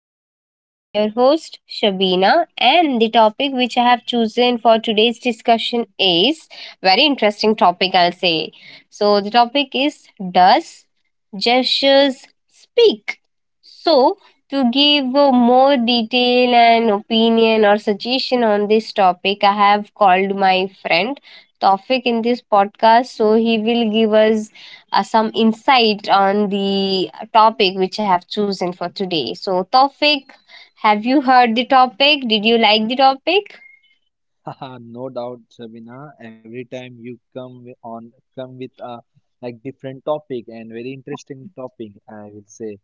again. I'm your host, Shabina, and the topic which I have chosen for today's discussion is very interesting topic, I'll say. So, the topic is, Does Gestures Speak? So, to give a more detail and opinion or suggestion on this topic, I have called my friend Tofik in this podcast. So, he will give us some insight on the topic which I have chosen for today. So, Tofik, have you heard the topic? Did you like the topic? Ah, no doubt, Sabina. Every time you come come with a different topic and very interesting topic, I will say.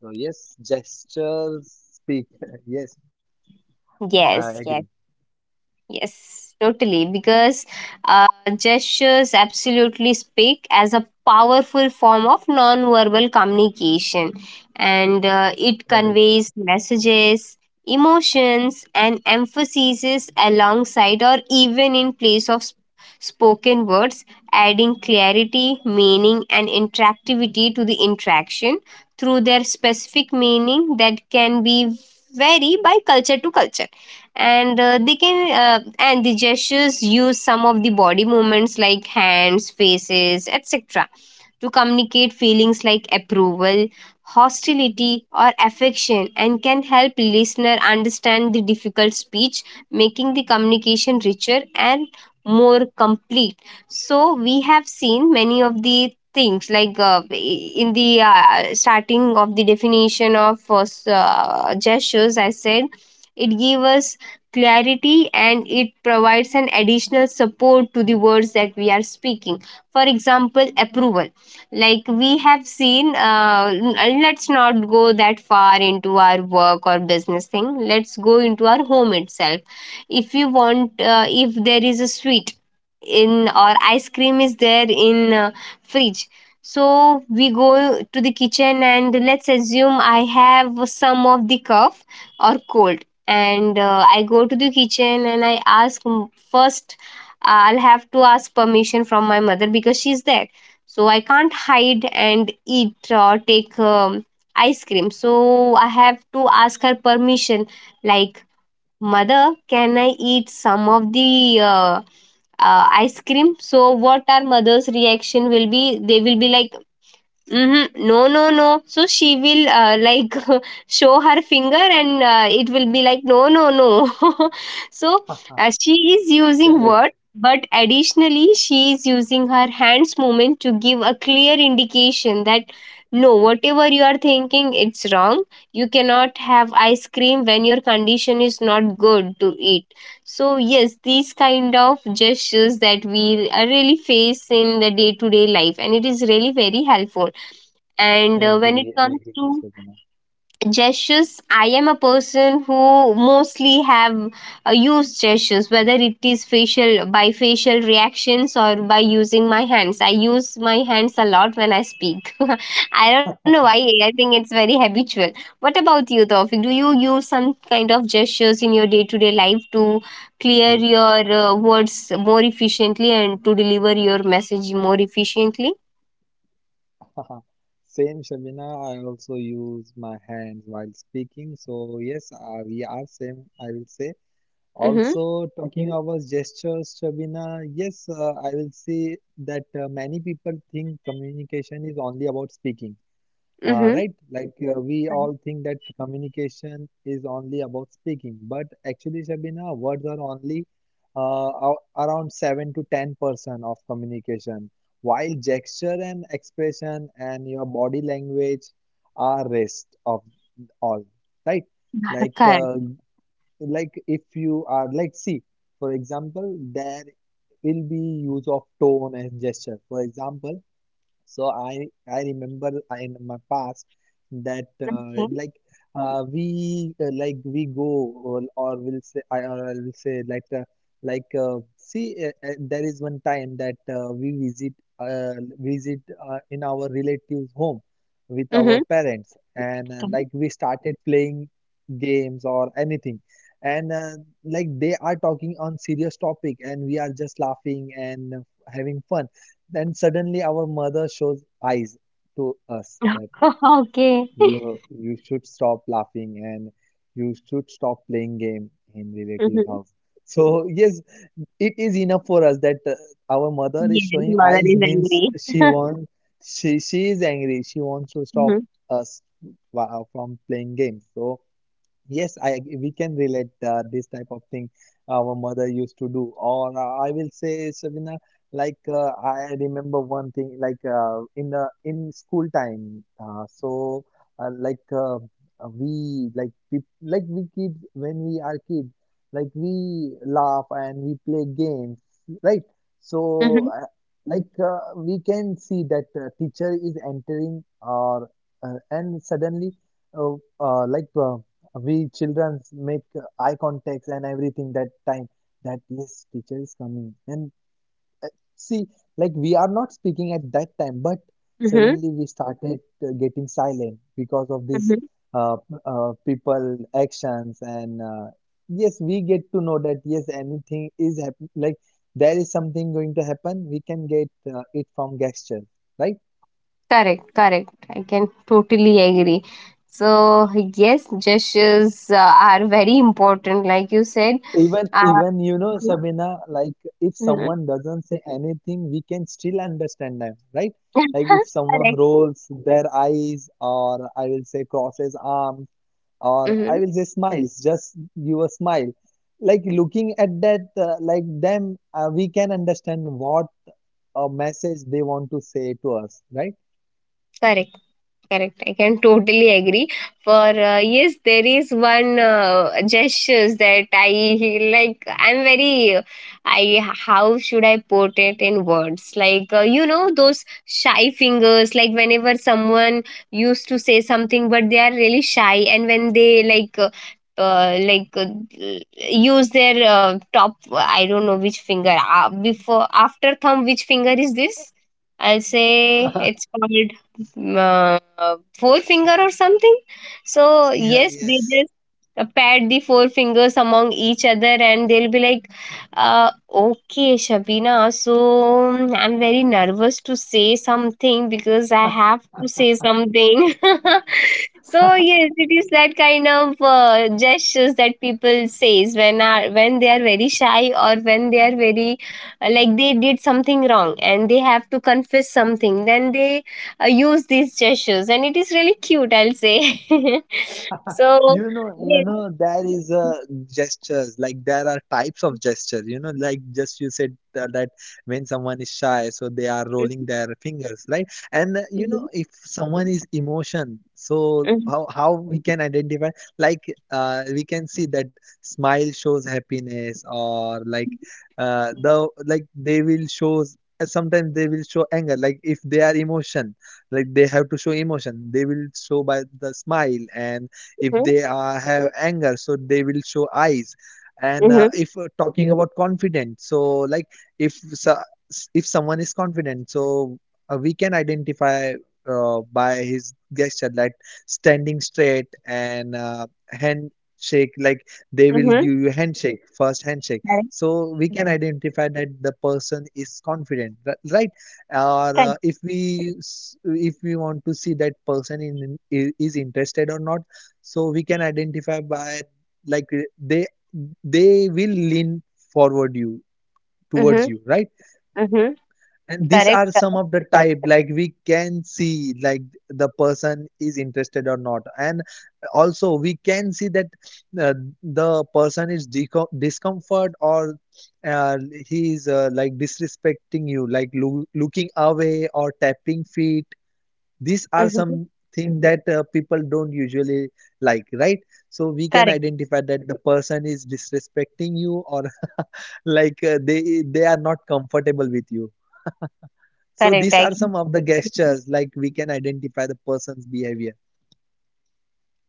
So yes, gestures speak. Yes, I Yes, agree. yes. Yes, totally. Because uh, gestures absolutely speak as a powerful form of non-verbal communication, and it Correct. conveys messages, emotions, and emphasizes alongside or even in place of spoken words, adding clarity, meaning, and interactivity to the interaction through their specific meaning that can be vary by culture to culture. And uh, they can uh, and the gestures use some of the body movements like hands, faces, etc. to communicate feelings like approval, hostility, or affection, and can help listener understand the difficult speech, making the communication richer and more complete. So, we have seen many of the things, like, in the starting of the definition of gestures, I said it gives us clarity, and it provides an additional support to the words that we are speaking, for example, approval. Like, we have seen, let's not go that far into our work or business thing, let's go into our home itself. If you want, if there is a sweet in, or ice cream is there in, fridge, so we go to the kitchen, and let's assume I have some of the cough or cold, and I go to the kitchen and I ask first, I'll have to ask permission from my mother because she's there. So I can't hide and eat or take ice cream, so I have to ask her permission. Like, mother, can I eat some of the ice cream? So what our mother's reaction will be, they will be like, mm-hmm, no, no, no. So she will, like, show her finger, and it will be like, no, no, no. So, she is using Correct. words, but additionally, she is using her hands movement to give a clear indication that no, whatever you are thinking, it's wrong. You cannot have ice cream when your condition is not good to eat. So, yes, these kind of gestures that we really face in the day to day life, and it is really very helpful. And when it Agree. comes Agree, to Shabina. gestures, I am a person who mostly have used gestures, whether it is facial, by facial reactions, or by using my hands. I use my hands a lot when I speak. I don't know why. I think it's very habitual. What about you, Tawfiq? Do you use some kind of gestures in your day-to-day life to clear your words more efficiently, and to deliver your message more efficiently? Same, Shabina. I also use my hands while speaking. So yes, we are same. I will say. Mm-hmm. Also, talking about gestures, Shabina, yes, I will say that many people think communication is only about speaking, Mm-hmm. right? We all think that communication is only about speaking, but actually, Shabina, words are only uh, around 7 to 10% of communication, while gesture and expression and your body language are rest of all, right? Like Correct. uh, like if you are see for example there will be use of tone and gesture. For example, so I remember in my past that like we like we go or will say I or I will say like see there is one time that we visit uh, visit in our relatives' home with our Mm-hmm. parents, and we started playing games or anything. And they are talking on serious topic and we are just laughing and having fun. Then suddenly our mother shows eyes to us that Okay. you should stop laughing and you should stop playing game in relatives' Mhm. house. So yes, it is enough for us that our mother is Yes, showing mother eyes is means angry. She is angry. She wants to stop Mhm, us from playing games. So yes, I we can relate this type of thing our mother used to do, or I will say, Sabina, I remember one thing, in the in school time, so like we like we, like we kids, when we are kids, like we laugh and we play games, right? So mhm, we can see that teacher is entering, or and suddenly, uh, uh, like. Uh, we children make eye contacts and everything, that time that yes, teacher is coming. And uh, see, like we are not speaking at that time, but mhm, suddenly we started getting silent because of this mhm. uh, people actions. And yes, we get to know that yes, anything is happening, like there is something going to happen. We can get it from gesture, right? Correct, correct. I can totally agree. So, yes, gestures are very important, like you said. Even, Uh, even, you know, Sabina, like if mhm. someone doesn't say anything, we can still understand them, right? Like if someone Correct. rolls their eyes, or I will say crosses arms, or I Mhm. will say smiles, just give a smile. Like looking at that, them, we can understand what message they want to say to us, right? Correct. Correct. I can totally agree. For Yes, there is one gestures that I like. I'm very. I, how should I put it in words? Like, you know those shy fingers. Like, whenever someone used to say something, but they are really shy, and when they, like. Uh, like uh, Use their top, I don't know which finger, before after thumb, which finger is this? I'll say it's called, forefinger or something. So Yeah, yes, they yes. just pat the four fingers among each other, and they'll be like, uh, "Okay, Shabina, so I'm very nervous to say something because I have to say something." So yes, it is that kind of gestures that people says when are when they are very shy, or when they are very, like, they did something wrong and they have to confess something. Then they use these gestures, and it is really cute, I'll say. So You know, you yes. know, there is a gestures, like there are types of gestures. You know, like just you said that when someone is shy, so they are rolling their fingers, right? And you Mhm, know, if someone is emotion, so mhm, how we can identify? Like we can see that smile shows happiness, or like the like they will shows. Sometimes they will show anger. Like if they are emotion, like they have to show emotion, they will show by the smile. And if mhm, they have anger, so they will show eyes. And mhm, if talking about confidence, so like if so- if someone is confident, so we can identify by his gesture, like standing straight and handshake. Like they will mhm. give you handshake, first handshake, Correct. so we can identify that the person is confident, right? Or Correct. If we want to see that person is interested or not, so we can identify by like they they will lean forward you towards Mhm, you, right? mhm. And these Correct. are some Correct. of the type, like we can see like the person is interested or not. And also we can see that uh, the person is discomfort or uh, he is disrespecting you, like looking away or tapping feet. These are Mhm. some thing that people don't usually like, right? So we can Correct. identify that the person is disrespecting you or they are not comfortable with you. So Correct. these I are some of the gestures, like we can identify the person's behavior.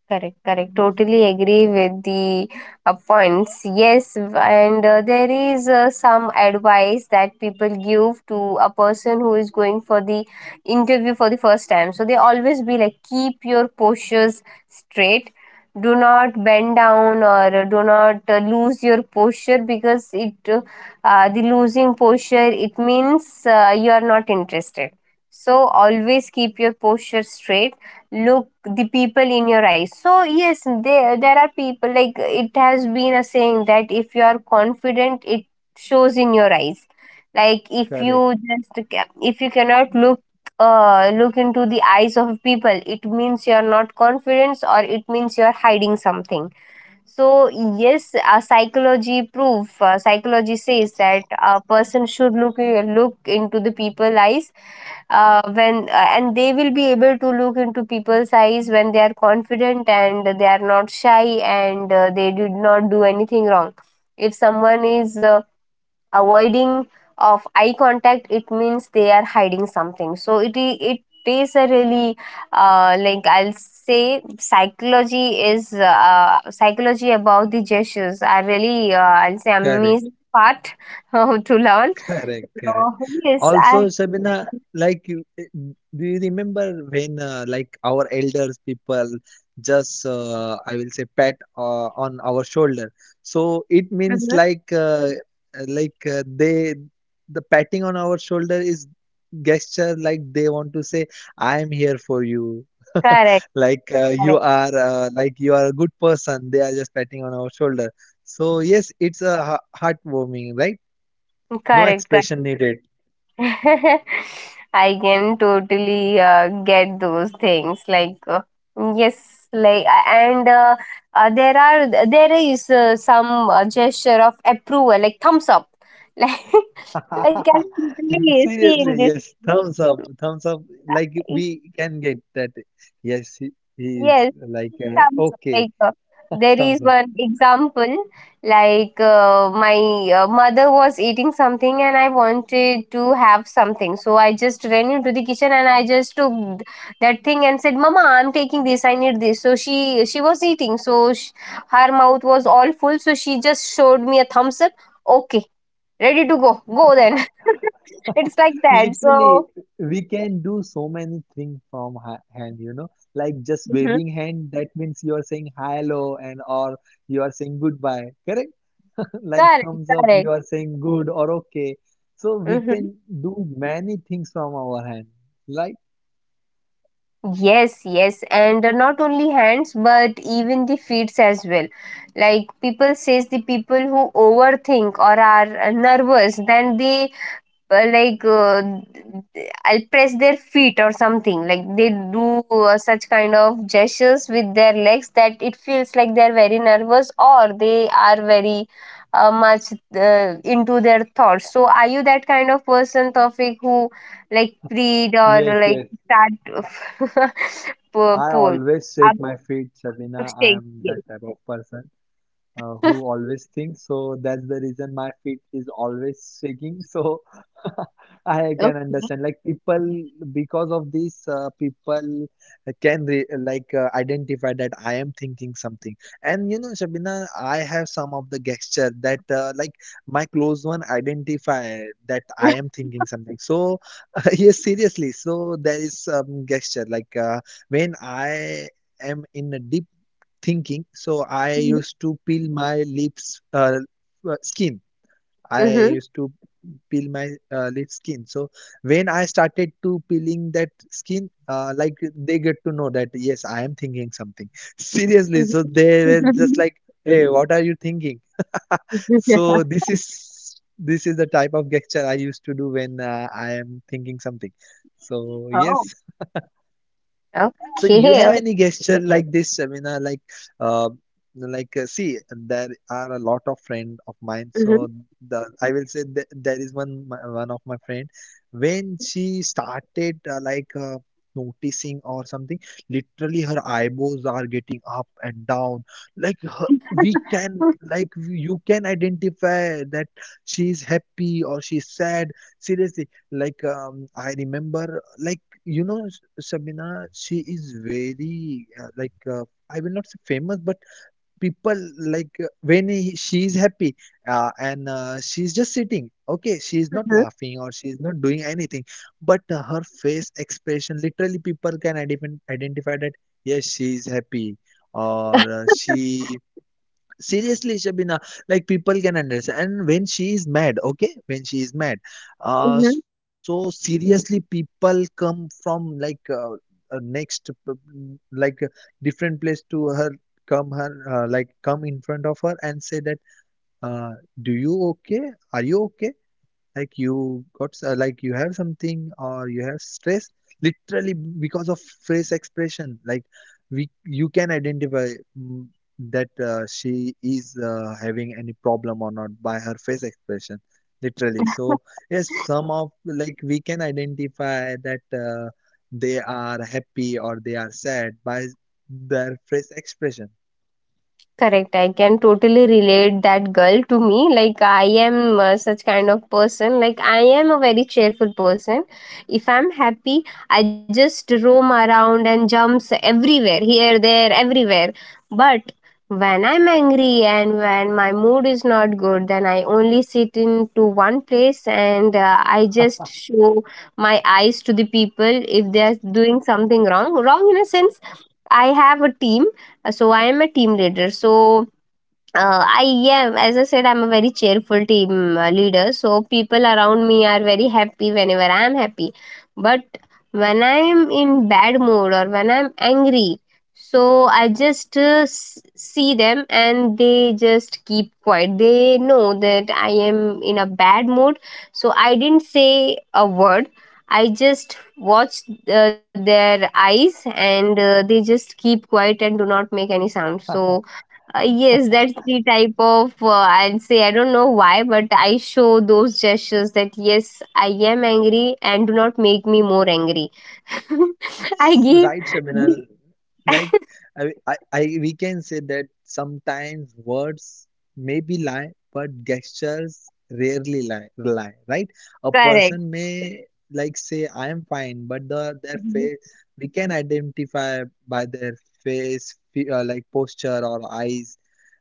Correct, correct. Totally agree with the points. Yes, and there is some advice that people give to a person who is going for the interview for the first time. So they always be like, keep your postures straight. Do not bend down, or do not lose your posture, because it, the losing posture, it means, you are not interested. So always keep your posture straight, look the people in your eyes. So yes, there are people, like, it has been a saying that if you are confident, it shows in your eyes. Like, if Correct, you just if you cannot look, look into the eyes of people, it means you're not confident, or it means you're hiding something. So yes, a psychology proof psychology says that a person should look into the people eyes, when and they will be able to look into people's eyes when they are confident and they are not shy, and they did not do anything wrong. If someone is avoiding of eye contact, it means they are hiding something. So it is a really, like, I'll say, psychology is, psychology about the gestures are really, I'll say, correct. amazing part to learn. Correct, So correct. yes, I. Also, Sabina, like, do you remember when, our elders people just, I will say, pat on our shoulder? So it means Mhm. like, like uh, they, the patting on our shoulder is gesture, like they want to say, "I am here for you." Correct, you correct. are, you are a good person. They are just patting on our shoulder. So yes, it's a heartwarming, right? No Correct, correct. expression needed. I can totally get those things. Like, yes, like, a- and there is some gesture of approval, like thumbs up. Like I literally see in this. Seriously, yes. Thumbs up, thumbs up. Like we can get that. Yes, he is Yes, like comes, okay. like, there is Thumbs up. one example, like, my mother was eating something, and I wanted to have something. So I just ran into the kitchen, and I just took that thing and said, "Mama, I'm taking this. I need this." So she was eating. So sh her mouth was all full. So she just showed me a thumbs up. Okay, ready to go. Go then. It's like that. Literally, So, we can do so many things from ha hand. You know, like just mhm. waving hand, that means you are saying hello, and or you are saying goodbye. Correct? Like Correct, thumbs up, you correct. are saying good or okay. So we Mm-hmm. can do many things from our hand. Like Yes, yes, and not only hands, but even the feet as well. Like people says, the people who overthink or are nervous, then they, uh, like uh, I'll press their feet or something, like they do such kind of gestures with their legs, that it feels like they're very nervous, or they are very much into their thoughts. So are you that kind of person, Tofik, who, like, read, or yes, like, yes. start pull, I pull always shake up, my feet, Shabina. I shake? am that Yes. type of person who always thinks. So that's the reason my feet is always shaking. So I can Okay. understand. Like people, because of this, people can re like identify that I am thinking something. And you know, Shabina, I have some of the gesture that my close one identify that I am thinking something. So yes, seriously. So there is some gesture like when I am in a deep thinking. So I used to peel my lips skin. I Mm-hmm. used to peel my lip skin. So when I started to peeling that skin, they get to know that yes, I am thinking something. Seriously. So they were just like, "Hey, what are you thinking?" So this is the type of gesture I used to do when I am thinking something. So Oh, yes. So you have okay. any gesture like this, Shamina? Like, uh, see, there are a lot of friend of mine. Mhm. So the I will say that there is one of my friend, when she started noticing or something. Literally, her eyebrows are getting up and down. Like her, we can like you can identify that she's happy or she's sad. Seriously, like I remember like, you know, Sabina, she is very I will not say famous, but people like she is happy, and she's just sitting. Okay, she is not laughing or she is not doing anything, but her face expression literally people can identify that yes, she is happy or she seriously, Shabina, like people can understand. And when she is mad, okay, when she is mad, Mhm. so seriously, people come from like uh, next, p- p- like uh, different place to her, come in front of her and say that, uh, do you okay? Are you okay? Like you got you have something or you have stress literally because of face expression. Like we you can identify, mm, that she is having any problem or not, by her face expression literally. So yes, some of like we can identify that they are happy or they are sad by their face expression. Correct. I can totally relate that girl to me. Like, I am such kind of person. Like, I am a very cheerful person. If I'm happy, I just roam around and jumps everywhere, here, there, everywhere. But when I'm angry, and when my mood is not good, then I only sit into one place, and I just show my eyes to the people if they are doing something wrong. Wrong in a sense, I have a team. So I am a team leader. So I am, as I said, I'm a very cheerful team leader. So people around me are very happy whenever I'm happy. But when I'm in bad mood or when I'm angry, so I just see them, and they just keep quiet. They know that I am in a bad mood. So I didn't say a word. I just watch their eyes, and they just keep quiet and do not make any sound. So yes, that's the type of, I'll say, I don't know why, but I show those gestures that yes, I am angry, and do not make me more angry. I give Right, Shabina. Like we can say that sometimes words maybe lie, but gestures rarely lie, right? A correct. person may say I am fine, but their Mhm. face we can identify by their face, fe- like posture or eyes,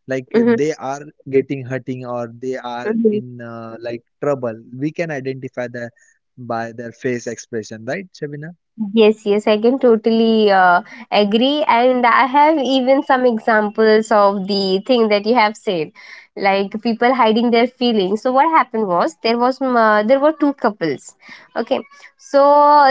like they are getting hurting or they are Mhm. in trouble. We can identify that by their face expression, right, Shabina? Yes, yes, I can totally agree. And I have even some examples of the thing that you have said, like people hiding their feelings. So what happened was, there were two couples. Okay, so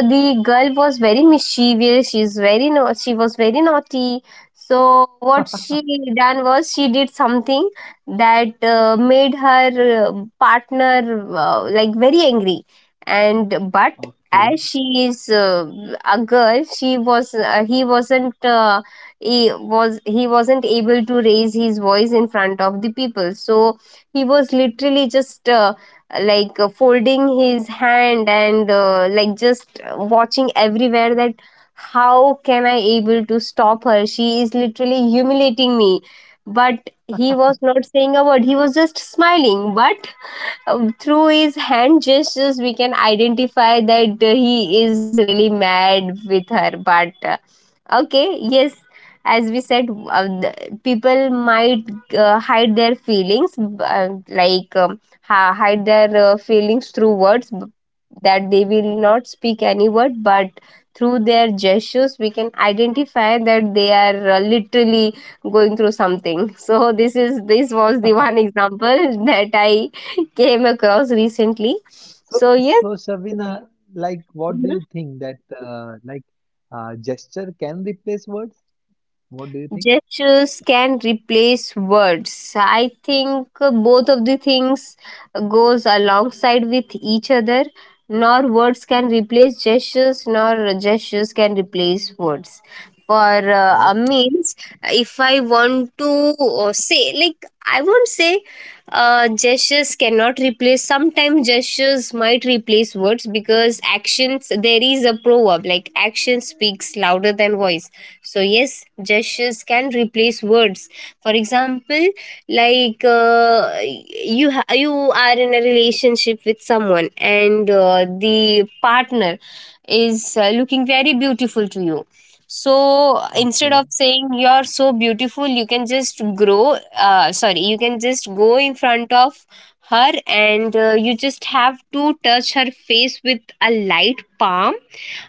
the girl was very mischievous. She's very No, she was very naughty. So what she done was, she did something that made her partner, like, very angry. And but as she is a girl, she was he wasn't able to raise his voice in front of the people, so he was literally just like folding his hand and like just watching everywhere that how can I able to stop her. She is literally humiliating me, but he was not saying a word. He was just smiling, but through his hand gestures, we can identify that he is really mad with her. But okay, yes, as we said, people might hide their feelings, like hide their feelings through words, that they will not speak any word, but through their gestures, we can identify that they are literally going through something. So this was the one example that I came across recently. So, So, yes. so Shavina, like, what do Mhm. you think that, gesture can replace words? What do you think? Gestures can replace words. I think both of the things goes alongside with each other. Nor words can replace gestures, nor gestures can replace words. For a Okay, means, if I want to say, like, I won't say gestures cannot replace. Sometimes gestures might replace words because actions, there is a proverb like, action speaks louder than voice. So, yes, gestures can replace words. For example, like, you are in a relationship with someone, and the partner is looking very beautiful to you, so instead okay. of saying you're so beautiful, you can just go in front of her, and you just have to touch her face with a light palm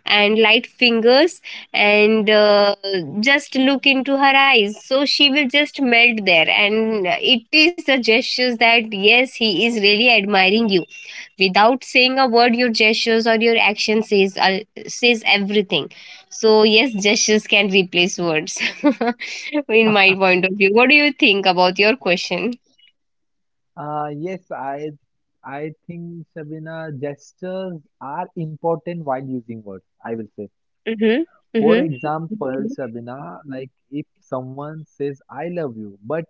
and light fingers, and just look into her eyes, so she will just melt there, and it is the gestures that yes, he is really admiring you. Without saying a word, your gestures or your action says everything. So yes, gestures can replace words in my point of view. What do you think about your question? Yes, I think Shavina, gestures are important while using words. I will say. Mm-hmm. For Mm-hmm. example, Shavina, like, if someone says "I love you," but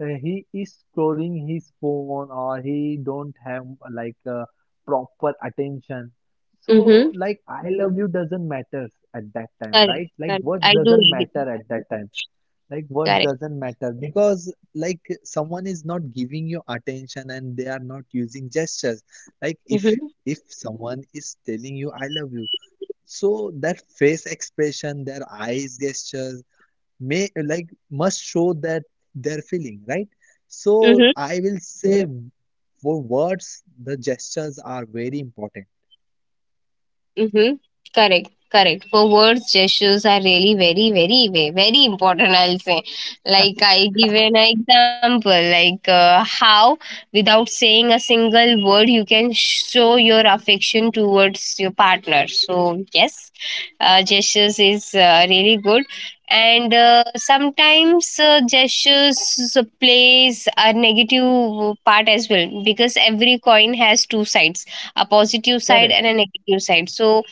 he is scrolling his phone or he don't have like uh, proper attention, so Mm-hmm. like "I love you" doesn't matter at that time, Correct. right? Like Correct. what I do doesn't matter agree. at that time, like what Correct. doesn't matter, because like someone is not giving you attention and they are not using gestures. Like if Mm-hmm. if someone is telling you "I love you," so that face expression, their eyes, gestures may like must show that they're feeling, right? So I will say, for words the gestures are very important. Mm-hmm. Correct, correct. For words, gestures are really very, very, very, very important. I'll say, like I give an example, like how without saying a single word, you can show your affection towards your partner. So yes, gestures is really good, and sometimes gestures plays a negative part as well, because every coin has two sides, a positive side and Correct. a negative side. So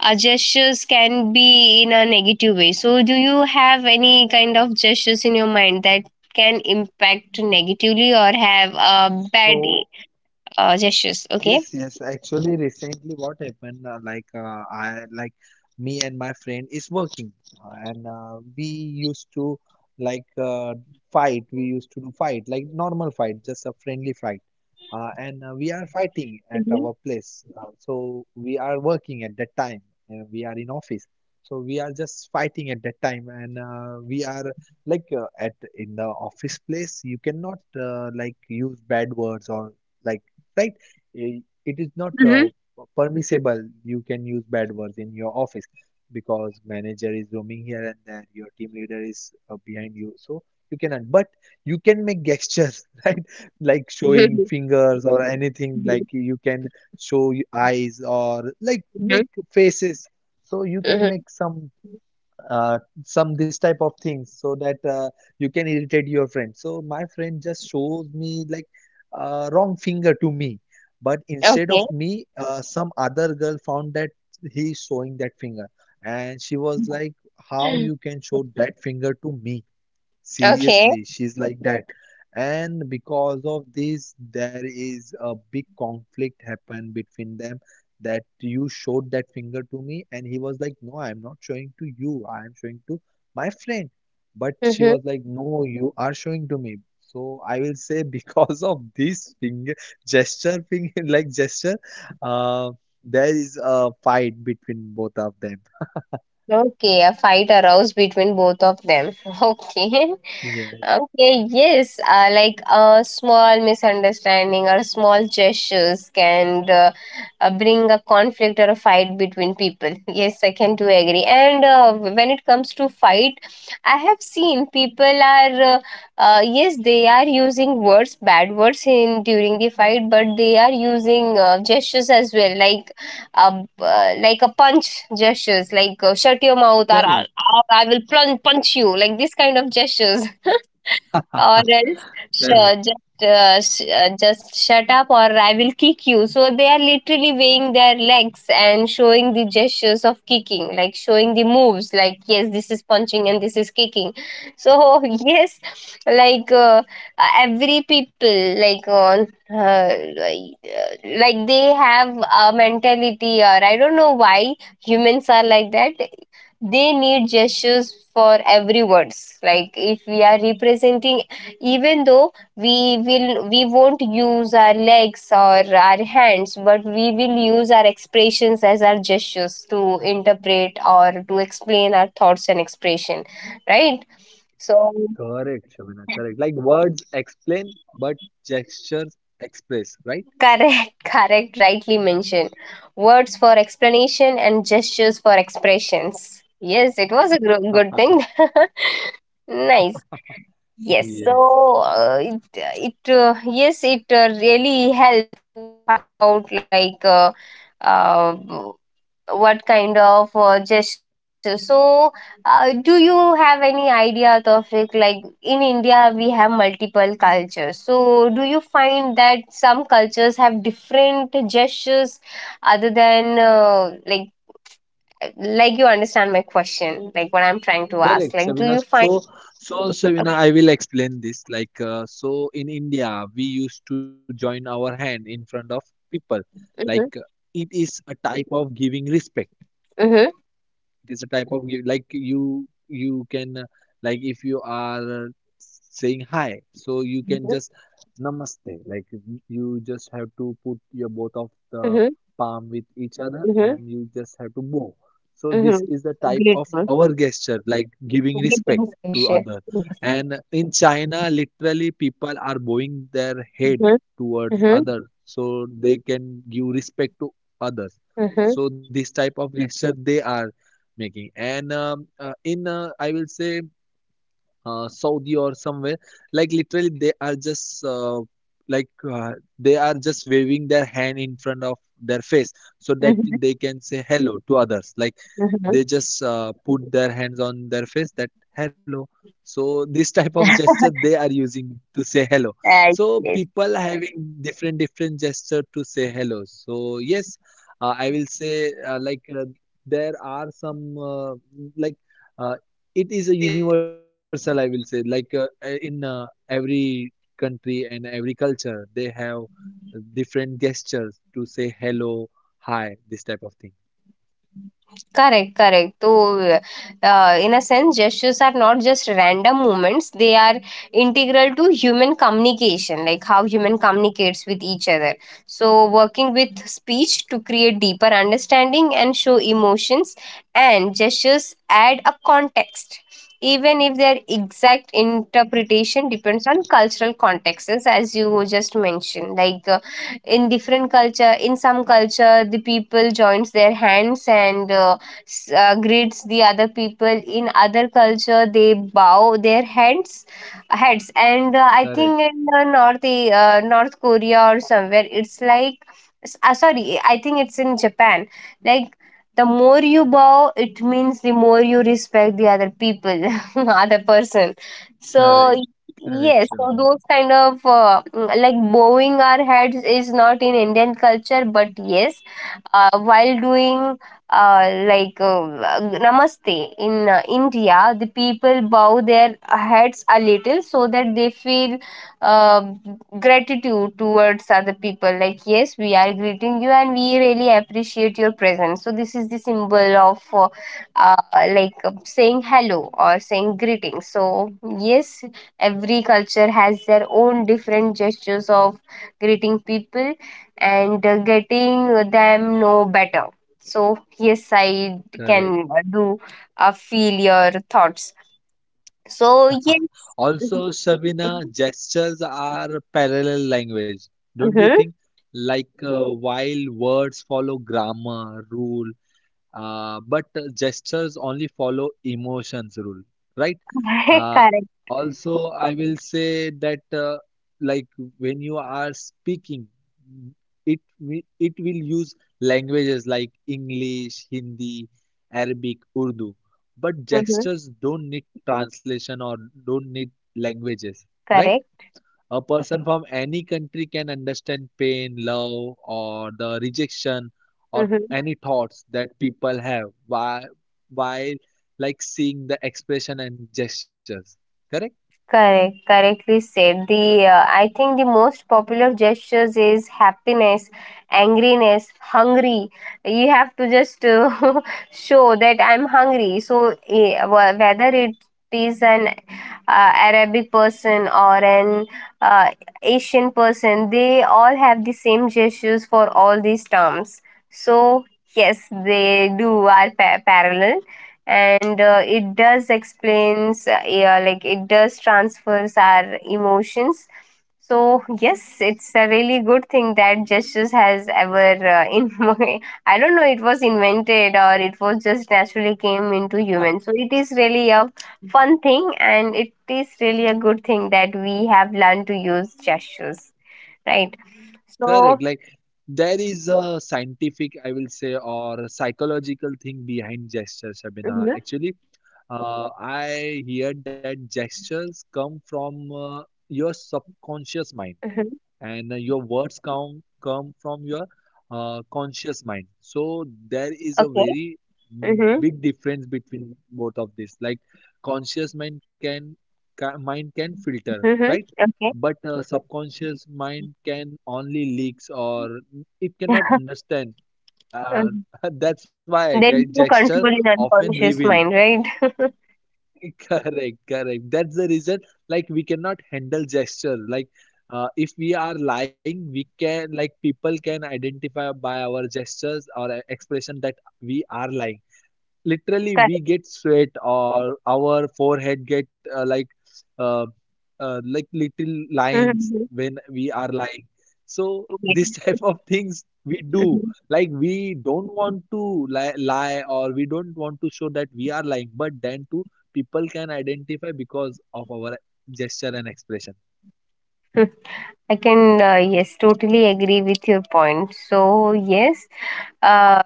our gestures can be in a negative way. So do you have any kind of gestures in your mind that can impact negatively or have bad So gestures? Okay. yes, yes. Actually, recently, what happened? Like, I like me and my friend is working, and we used to like uh, fight. We used to do fight, like normal fight, just a friendly fight. Mm-hmm. And We are fighting at our place. So we are working at that time. We are in office. So we are just fighting at that time, and we are at in the office place. You cannot like use bad words or like, right? Mm-hmm. It is not permissible you can use bad words in your office, because manager is roaming here and there, your team leader is behind you, so you cannot, but you can make gestures right? Like showing fingers or anything, like you can show eyes or Mm-hmm. like make faces. Mm-hmm. So you can make uh, some this type of things, so that you can irritate your friend. So my friend just shows me like wrong finger to me, but Okay. instead of me, some other girl found that he showing that finger, and she was like, "How you can show that finger to me?" Okay. Seriously, she's like that. And because of this, there is a big conflict happen between them, that "You showed that finger to me," and he was like, "No, I'm not showing to you, I am showing to my friend." But she Mm-hmm. was like, "No, you are showing to me." So I will say, because of this finger gesture, finger like gesture, uh, there is a fight between both of them. Okay. A fight arose between both of them. Okay. Yeah, Okay, yes, like a small misunderstanding or small gestures can bring a conflict or a fight between people. Yes, I can do agree. And when it comes to fight, I have seen people are yes, they are using words, bad words in during the fight, but they are using gestures as well, like a punch gestures, like shut your mouth, or correct, or I will punch you, like this kind of gestures. Or else, sure, correct. just just shut up, or I will kick you. So they are literally weighing their legs and showing the gestures of kicking, like showing the moves, like yes, this is punching and this is kicking. So yes, like every people, like on uh, like like they have a mentality, or I don't know why humans are like that. They need gestures for every words, like if we are representing, even though we won't use our legs or our hands, but we will use our expressions as our gestures to interpret or to explain our thoughts and expression, right? So Correct, Shabina. Correct. Like words explain, but gestures express, right? correct, correct, rightly mentioned. Words for explanation and gestures for expressions. Yes, it was a good thing. Nice. Yes, so Yes. It yes, it really helps out, like uh, what kind of gesture. So, do you have any idea, Tawfiq? Like in India, we have multiple cultures. So, do you find that some cultures have different gestures other than like you understand my question, like what I'm trying to ask? Correct, Like, do you Shabina. find? So, so uh, Shabina, I will explain this. Like, so in India, we used to join our hand in front of people. Like, it Mm-hmm, is a type of giving respect. mm-hmm, It is a type of you can like if you are saying hi, so you can just mm-hmm, namaste, like you just have to put your both of the palm with each mm-hmm, other and you just have to mm-hmm. bow. So this is the type of Mhm. our gesture, like Grateful. giving respect to other. Greeting And session. in Yes. China, literally people are bowing their head towards other, Mhm. so Mhm. they can give respect to others. So this type of Mhm. gesture they are making. And in I will say, Saudi or somewhere, like literally they are just like uh, they are just waving their hand in front of their face, so that they can say hello to Mhm. others. Like they just put their Mhm. hands on their face, that hello. So this type of gesture they are using to say hello. So people having Uh, different yes. different gesture to say hello. So yes, I will say there are some like. Uh, it is a universal, I will say, like, in every country and every culture they have different gestures to say hello, hi, this type of thing. Correct, correct. So, in a sense, gestures are not just random movements, they are integral to human communication, like how human communicates with each other. So, working with speech to create deeper understanding and show emotions, and gestures add a context. Even if their exact interpretation depends on cultural contexts, as you just mentioned, like in different culture, in some culture the people joins their hands and greets the other people, in other culture they bow their heads, and I think Correct, in north North Korea or somewhere, it's like sorry, I think it's in Japan, like the more you bow, it means the more you respect the other people other person. So correct, correct, Yes, so Shivana. those kind of like bowing our heads is not in Indian culture, but yes, while doing like namaste in India, the people bow their heads a little so that they feel uh, gratitude towards other people. Like, yes, we are greeting you and we really appreciate your presence. So, this is the symbol of like saying hello or saying greetings. So, yes, every culture has their own different gestures of greeting people, and getting them know better. So, yes, I Correct. can do feel your thoughts. So, yes. Also, Shabina, gestures are parallel language, don't you Mm-hmm. think? Like while words follow grammar rule, but gestures only follow emotions rule, right? uh, Correct. Also, I will say that, like, when you are speaking, it will use languages like English, Hindi, Arabic, Urdu, but Hmm. gestures don't need translation or don't need languages, right? Correct. A person from any country can understand pain, love, or the rejection, or Mhm. any thoughts that people have while like seeing the expression and gestures. Correct? Correct, correctly said. The I think the most popular gestures is happiness, angriness, hungry. You have to just show that I'm hungry. So whether it is an Arabic person or an uh, Asian person, they all have the same gestures for all these terms. So yes, they do are parallel, and it does explains yeah, like it does transfers our emotions. So yes, it's a really good thing that gestures has ever in my, I don't know it was invented or it was just naturally came into human. So it is really a fun thing, and it is really a good thing that we have learned to use gestures, right? Correct. So Like there is a scientific, I will say, or psychological thing behind gestures, Shabina. Mhm, Actually, I heard that gestures come from your subconscious mind, mhm. and your words come from your conscious mind. So there is a Okay. very Hmm. big difference between both of this. Like conscious mind can filter, Hmm. right? Okay. But subconscious mind can only leaks, or it cannot understand. uh, that's why There is no gesture control in often reveal. unconscious mind, right? Correct, correct. That's the reason, like, we cannot handle gesture. Like, if we are lying, we can, like, people can identify by our gestures or expression that we are lying. Literally Correct. we get sweat or our forehead get uh, like little Mhm, lines mhm. when we are lying. So this Yes. type of things we do, Mhm, like we don't want to lie, lie, or we don't want to show that we are lying, but then too people can identify because of our gesture and expression. I can, yes, totally agree with your point. So, yes, uh,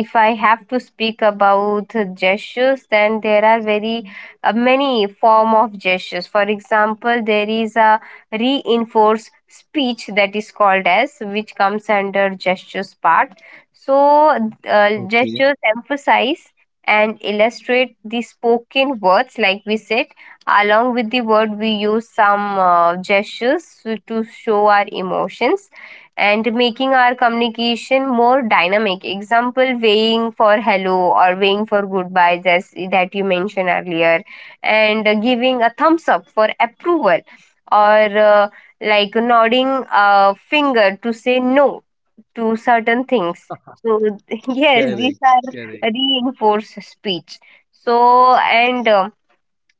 if I have to speak about gestures, then there are very many form of gestures. For example, there is a reinforced speech that is called as, which comes under gestures part. So, gestures Okay. emphasize and illustrate the spoken words, like we said. Along with the word, we use some gestures to show our emotions and making our communication more dynamic. Example, weighing for hello or weighing for goodbyes, as that you mentioned earlier, and giving a thumbs up for approval or like nodding a finger to say no to certain things. So, yes, these Correct, correct. are reinforced speech. So, and um,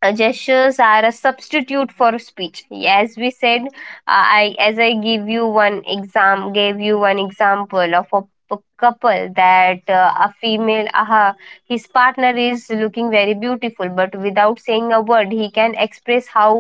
uh, gestures are a substitute for speech, as we said I give you one exam gave you one example of a couple, that a female his partner is looking very beautiful, but without saying a word he can express how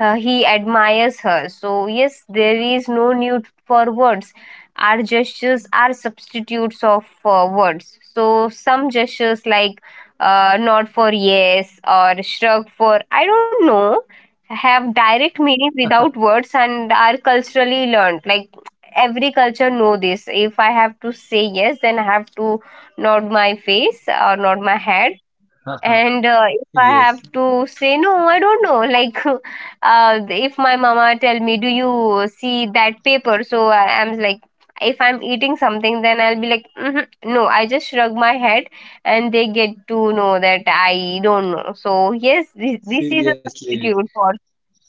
he admires her. So, yes, there is no need for words. Our gestures are substitutes of words. So, some gestures like nod for yes or shrug for I don't know have direct meaning without words and are culturally learned. Like every culture know this. If I have to say yes, then I have to nod my face or nod my head, and if I have Yes, to say no, I don't know. Like, if my mama tell me, "Do you see that paper?" So I'm like, if I'm eating something, then I'll be like, "Mhm, "No," I just shrug my head, and they get to know that I don't know. So yes, this is a seriously, substitute for.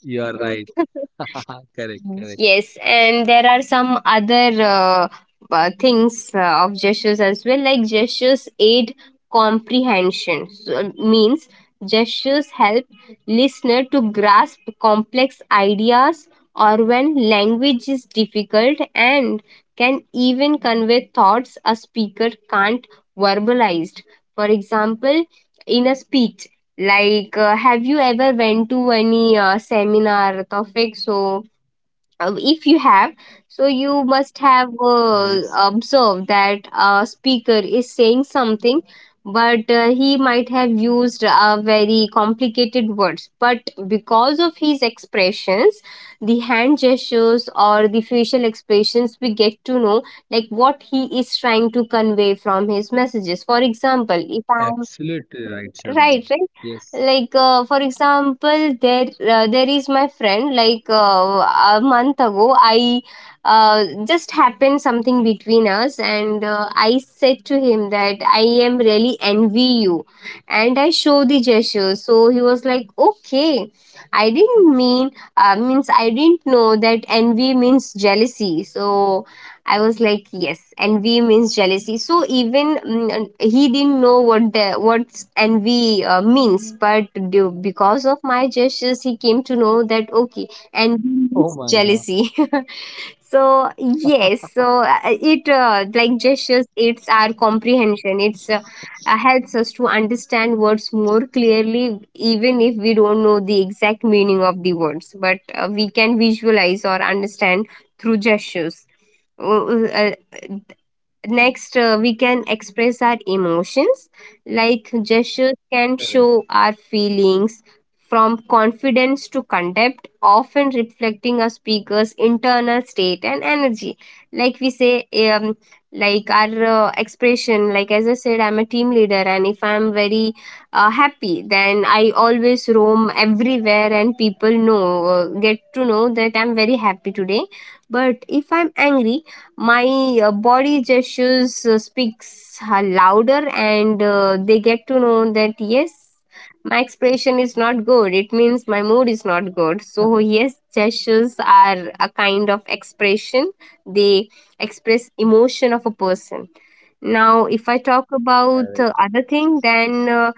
you are right. Correct, correct. Yes, and there are some other things of gestures as well, like gestures aid comprehension. So, it means gestures help listener to grasp complex ideas or when language is difficult and can even convey thoughts a speaker can't verbalize. For example, in a speech, like have you ever went to any seminar, Tawfiq? If you have, you must have Yes. Observed that a speaker is saying something but he might have used very complicated words, but because of his expressions, the hand gestures or the facial expressions, we get to know like what he is trying to convey from his messages. For example, if I. Absolutely right, Shabina. Right, right. Yes. Like for example, there there is my friend. Like a month ago, I just happened something between us, and I said to him that I am really envy you, and I show the gesture, so he was like, okay, I didn't mean, means, I didn't know that envy means jealousy. So I was like, yes, envy means jealousy. So even he didn't know what what envy means, but because of my gestures, he came to know that, okay, envy Oh means my God. jealousy. So yes, so it like gestures, it's our comprehension. It's helps us to understand words more clearly, even if we don't know the exact meaning of the words, but we can visualize or understand through gestures. Oh, Uh, next, we can express our emotions, like gestures can Correct, show our feelings from confidence to contempt, often reflecting a speaker's internal state and energy. Like we say like our expression. Like, as I said, I'm a team leader, and if I'm very happy, then I always roam everywhere and people know, get to know that I'm very happy today. But if I'm angry, my body gestures speaks louder, and they get to know that, yes, my expression is not good. It means my mood is not good. So yes, gestures are a kind of expression. They express emotion of a person. Now, if I talk about correct. other thing, then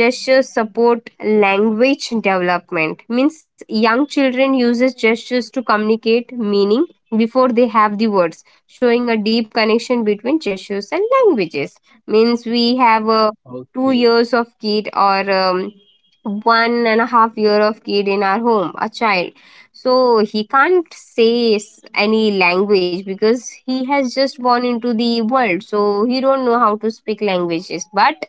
gestures support language development. Means young children uses gestures to communicate meaning before they have the words, showing a deep connection between gestures and languages. Means we have a two Okay, years of kid, or one and a half year of kid in our home, a child. So he can't say any language, because he has just born into the world. So he don't know how to speak languages. But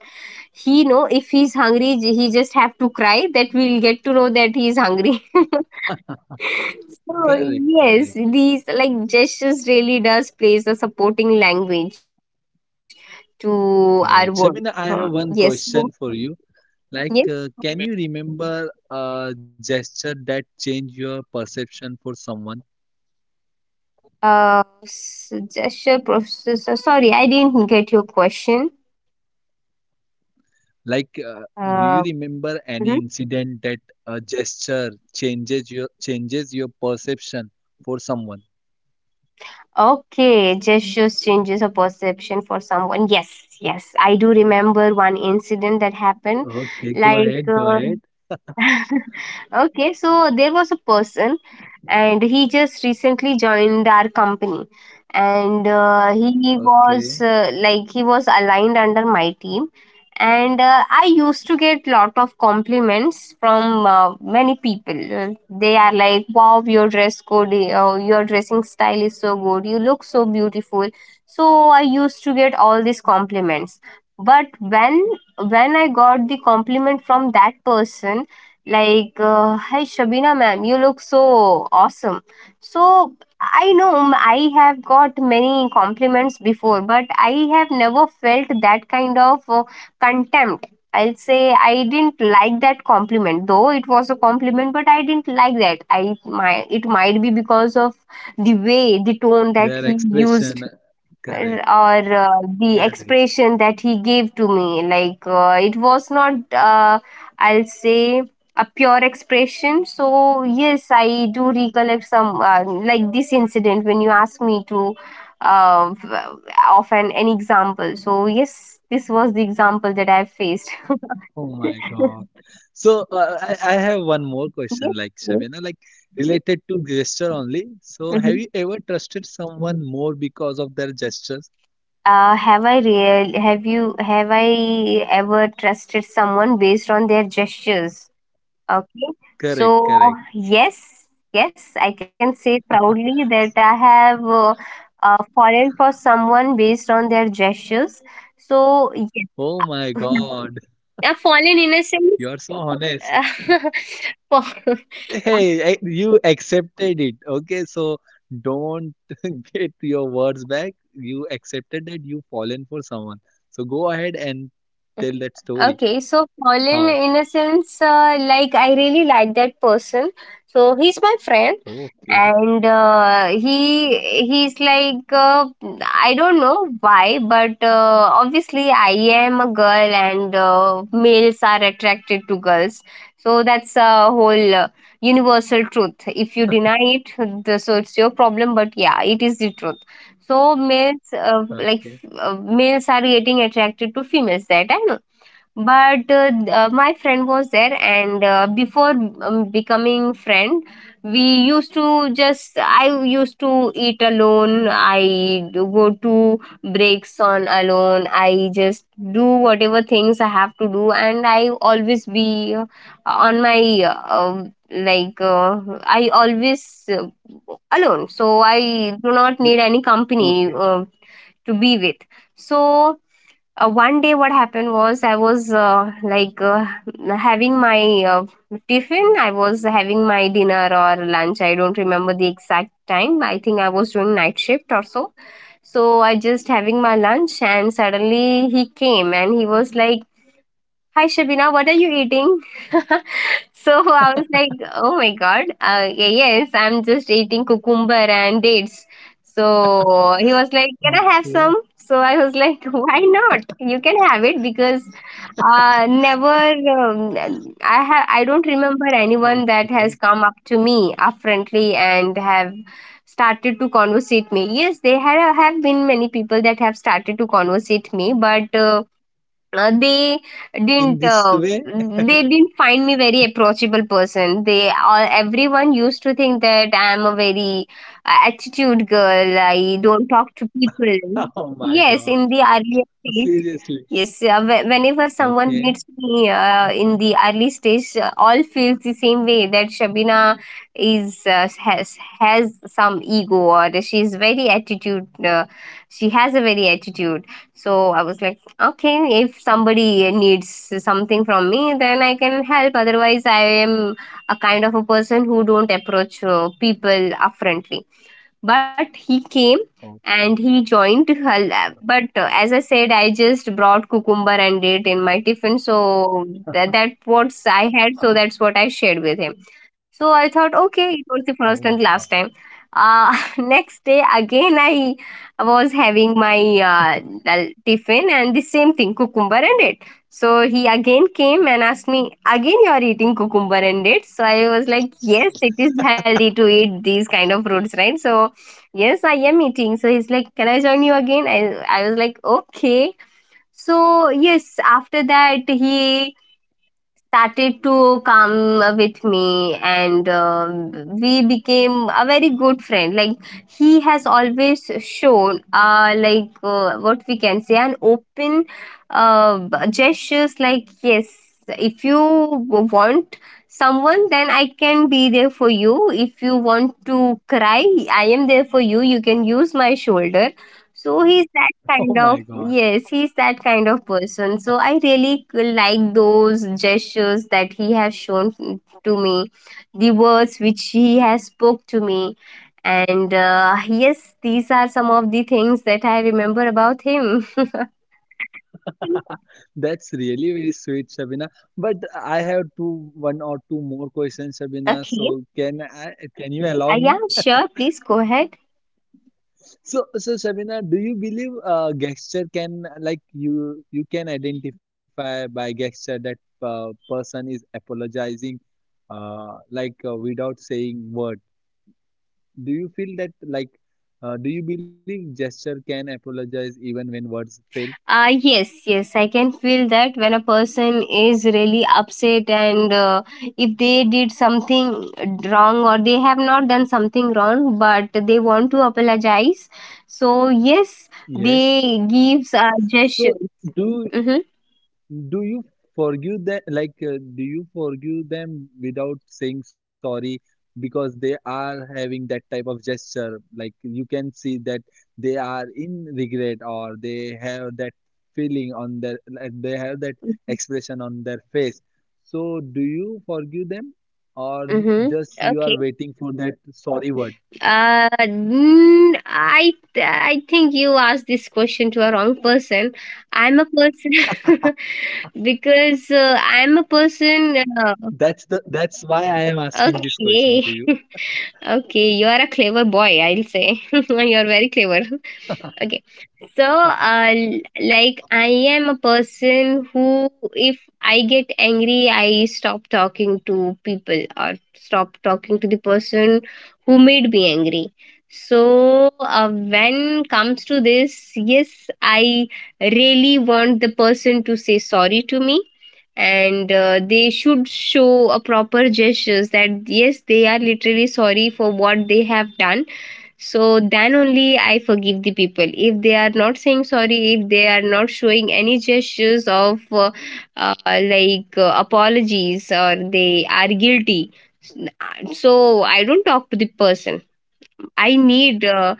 he know if he's hungry, he just have to cry. That we'll get to know that he's hungry. Oh, correct, yes, correct, these like gestures really does plays a supporting language to our world. correct. Huh. Shabina, I have Yes, one question for you. Like, yes. Can you remember a gesture that changed your perception for someone? Gesture processor. Sorry, I didn't get your question. Like, do you Uh, remember any mhm. incident that a gesture changes your perception for someone? Okay, gestures changes a perception for someone. Yes, yes, I do remember one incident that happened. Okay, go Like, ahead, go ahead. okay, so there was a person, and he just recently joined our company, and he was Okay, like he was aligned under my team, and I used to get lot of compliments from many people. They are like, wow, your dress code, your dressing style is so good, you look so beautiful. So I used to get all these compliments, but when I got the compliment from that person, like hi Shabina ma'am, you look so awesome. So I know, I have got many compliments before, but I have never felt that kind of contempt, I'll say. I didn't like that compliment. Though it was a compliment, but I didn't like that. I my, it might be because of the way, the tone that their he used, expression, correct, or the correct. expression that he gave to me. Like it was not I'll say a pure expression. So yes, I do recollect some like this incident when you asked me to uh, of an example. So yes, this was the example that I faced. Oh Yes, my God. So I have one more question, like yes. Shabina, like related to gesture only. So have Mhm. you ever trusted someone more because of their gestures? Have I real have you, have I ever trusted someone based on their gestures? Okay. Correct, So, correct. yes, yes, I can say proudly that I have fallen for someone based on their gestures. So, yes, Oh my God, I fallen in a sense. you are so honest. fall- Hey, you accepted it. Okay, so don't get your words back. You accepted that you fallen for someone. So go ahead and tell that story. okay, so fallen How? in a sense, like I really like that person. So, he's my friend. Okay, And he, he's like I don't know why, but obviously I am a girl, and males are attracted to girls. So that's a whole universal truth. If you deny it, so it's your problem, but yeah, it is the truth. So males okay, males are getting attracted to females, that I know. But my friend was there, and before becoming friend, we used to just, I used to eat alone, I do go to breaks on alone, I just do whatever things I have to do, and I always be on my like I always alone. So I do not need any okay, company to be with. So one day, what happened was, I was like having my tiffin. I was having my dinner or lunch, I don't remember the exact time. I think I was doing night shift or so. So I just having my lunch, and suddenly he came, and he was like, hi Shabina, what are you eating? So I was like, oh my god, yes, I'm just eating cucumber and dates. So he was like, can I have okay, some? So I was like, why not? You can have it. Because never I don't remember anyone that okay. has come up to me upfrontly and have started to conversate me. Yes, there have been many people that have started to conversate me, but. They In didn't, this way? they didn't find me very approachable person. They all, everyone used to think that I am a very attitude girl, I don't talk to people. Oh my Yes, God. in the earlier stage. Seriously. Yes, whenever someone Okay. meets me in the early stage, all feels the same way, that Shabina is, has some ego, or she's very attitude, uh, she has a very attitude. So I was like, okay, if somebody needs something from me, then I can help. Otherwise, I am a kind of a person who don't approach people upfrontly. But he came, and Okay. he joined her lab. But as I said, I just brought cucumber and it in my tiffin. So that what I had. So that's what I shared with him. So I thought, okay, it Oh was the my first God. and last time. Next day again, I was having my tiffin, and the same thing, cucumber and it. So he again came and asked me, again you are eating cucumber and it. So I was like, yes, it is healthy to eat these kind of fruits, right? So yes, I am eating. So he's like, can I join you again? I was like, okay. So yes, after that, he started to come with me, and we became a very good friend. Like he has always shown like what we can say, an open gestures, like, yes, if you want someone, then I can be there for you. If you want to cry, I am there for you, you can use my shoulder. So he's that Oh kind my of, God. yes, he's that kind of person. So I really like those gestures that he has shown to me, the words which he has spoke to me. And yes, these are some of the things that I remember about him. That's really very sweet, Shabina. But I have two, one or two more questions, Shabina. Okay, So can I, can you allow me? yeah, sure, please go ahead. So, so Shabina, do you believe gesture can, like you can identify by gesture that person is apologizing, without saying word? Do you feel that, like, do you believe gesture can apologize even when words fail? Ah, yes, yes, I can feel that when a person is really upset, and if they did something wrong, or they have not done something wrong but they want to apologize. So, yes, Yes. they gives a So, gesture. do Mm-hmm. do you forgive them? Like, do you forgive them without saying sorry, because they are having that type of gesture? Like, you can see that they are in regret, or they have that feeling on their, like, they have that expression on their face. So, do you forgive them, or Mm-hmm. just you are Okay. waiting for that sorry word? I think you asked this question to a wrong person. I'm a person. Because I'm a person. That's the that's why I am asking this question Okay. to you. Okay, you are a clever boy, I'll say. You're very clever. Okay. So, like, I am a person who, if I get angry, I stop talking to people, or stop talking to the person who made me angry. So, when comes to this, yes, I really want the person to say sorry to me, and they should show a proper gestures that, yes, they are literally sorry for what they have done. So then only I forgive the people. If they are not saying sorry, if they are not showing any gestures of like apologies or they are guilty, so I don't talk to the person. I need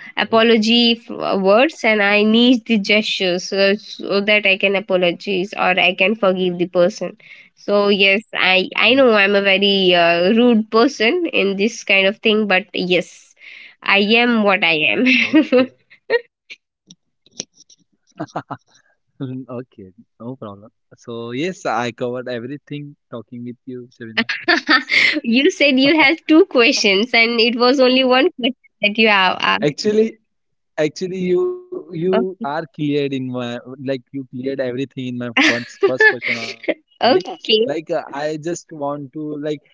Oh, apology words, and I need the gestures, so, so that I can apologize or I can forgive the person. So yes, I know I'm a oh my very God. Rude person in this kind of thing, but yes, I am what I am. Okay. Okay. No problem. So yes, I covered everything talking with you, Shavina. So You said you had two questions, and it was only one question that you have asked. actually, actually, you Okay. are cleared in my, like you cleared everything in my first first question only. Like Okay. I just want to like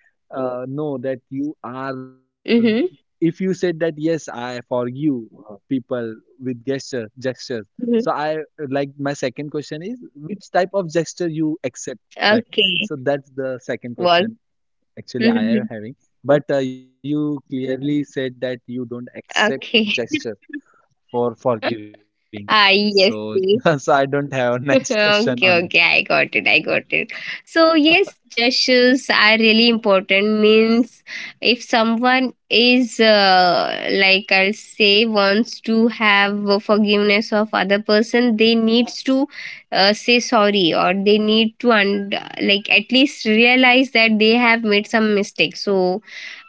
know that you are, if Mm-hmm. you said that yes I for you people with gesture gestures. So I, Mm-hmm. like my second question is, which type of gesture you accept, like, so Okay. that's the second Was. question actually I Hmm. am having. But you clearly said that you don't accept Okay. gesture for forgiving. Ah, So, yes. so See. I don't have a next question on that. Okay, okay, I got it, I got it. So yes, gestures are really Yes. important. Means if someone is like I'll say wants to have a forgiveness of other person, they needs to say sorry, or they need to, and like at least realize that they have made some mistake. So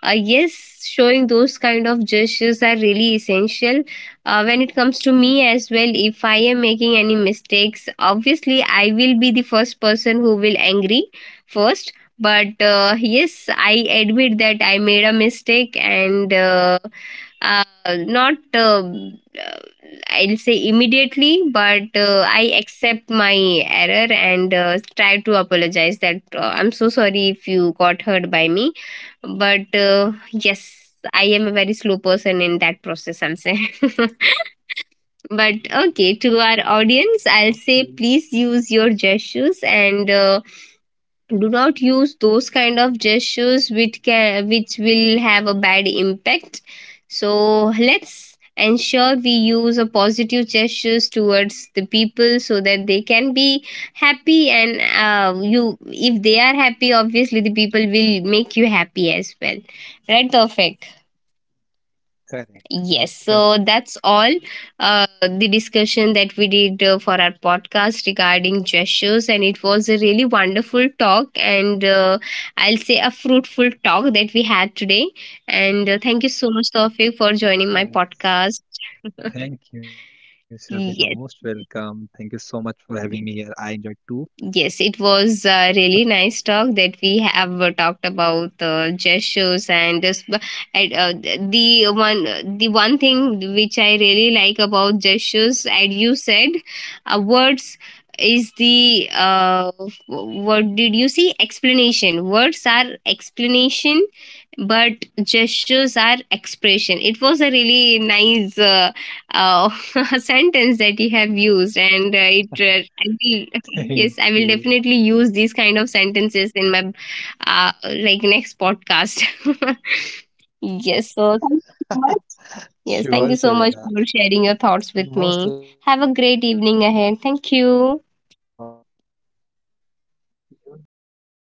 yes, showing those kind of gestures are really essential. When it comes to me as well, if I am making any mistakes, obviously I will be the first person who will angry first. But yes, I admit that I made a mistake, and not uh, I'll say, immediately, but I accept my error, and try to apologize that, I'm so sorry if you got hurt by me. But yes, I am a very slow person in that process, I'm saying. But okay, to our audience, I'll say, Okay. please use your gestures, and do not use those kind of gestures which can, which will have a bad impact. So let's ensure we use a positive gestures towards the people, so that they can be happy. And you, if they are happy, obviously the people will make you happy as well, right? Perfect. Correct. Yes, so Correct. that's all the discussion that we did for our podcast regarding gestures, and it was a really wonderful talk, and I'll say a fruitful talk that we had today. And thank you so much, Tawfiq, for joining my Correct. podcast. Thank you, Shabina. Yes. Most welcome. Thank you so much for having me here. I enjoyed Yes, it too. was a really nice talk that we have talked about gestures and this. And, Uh, the the one thing which I really like about gestures, and you said, words is the what did you see? Explanation. Words are explanation, but gestures are expression. It was a really nice uh, sentence that you have used, and it I will, Thank yes, I will you. definitely use these kind of sentences in my uh, like next podcast. Yes, so thank you so much. Yes, Sure, thank you so much Shabina. for sharing your thoughts with Most me. welcome. Have a great evening ahead, thank you. Okay, you too, Shabina. Bye.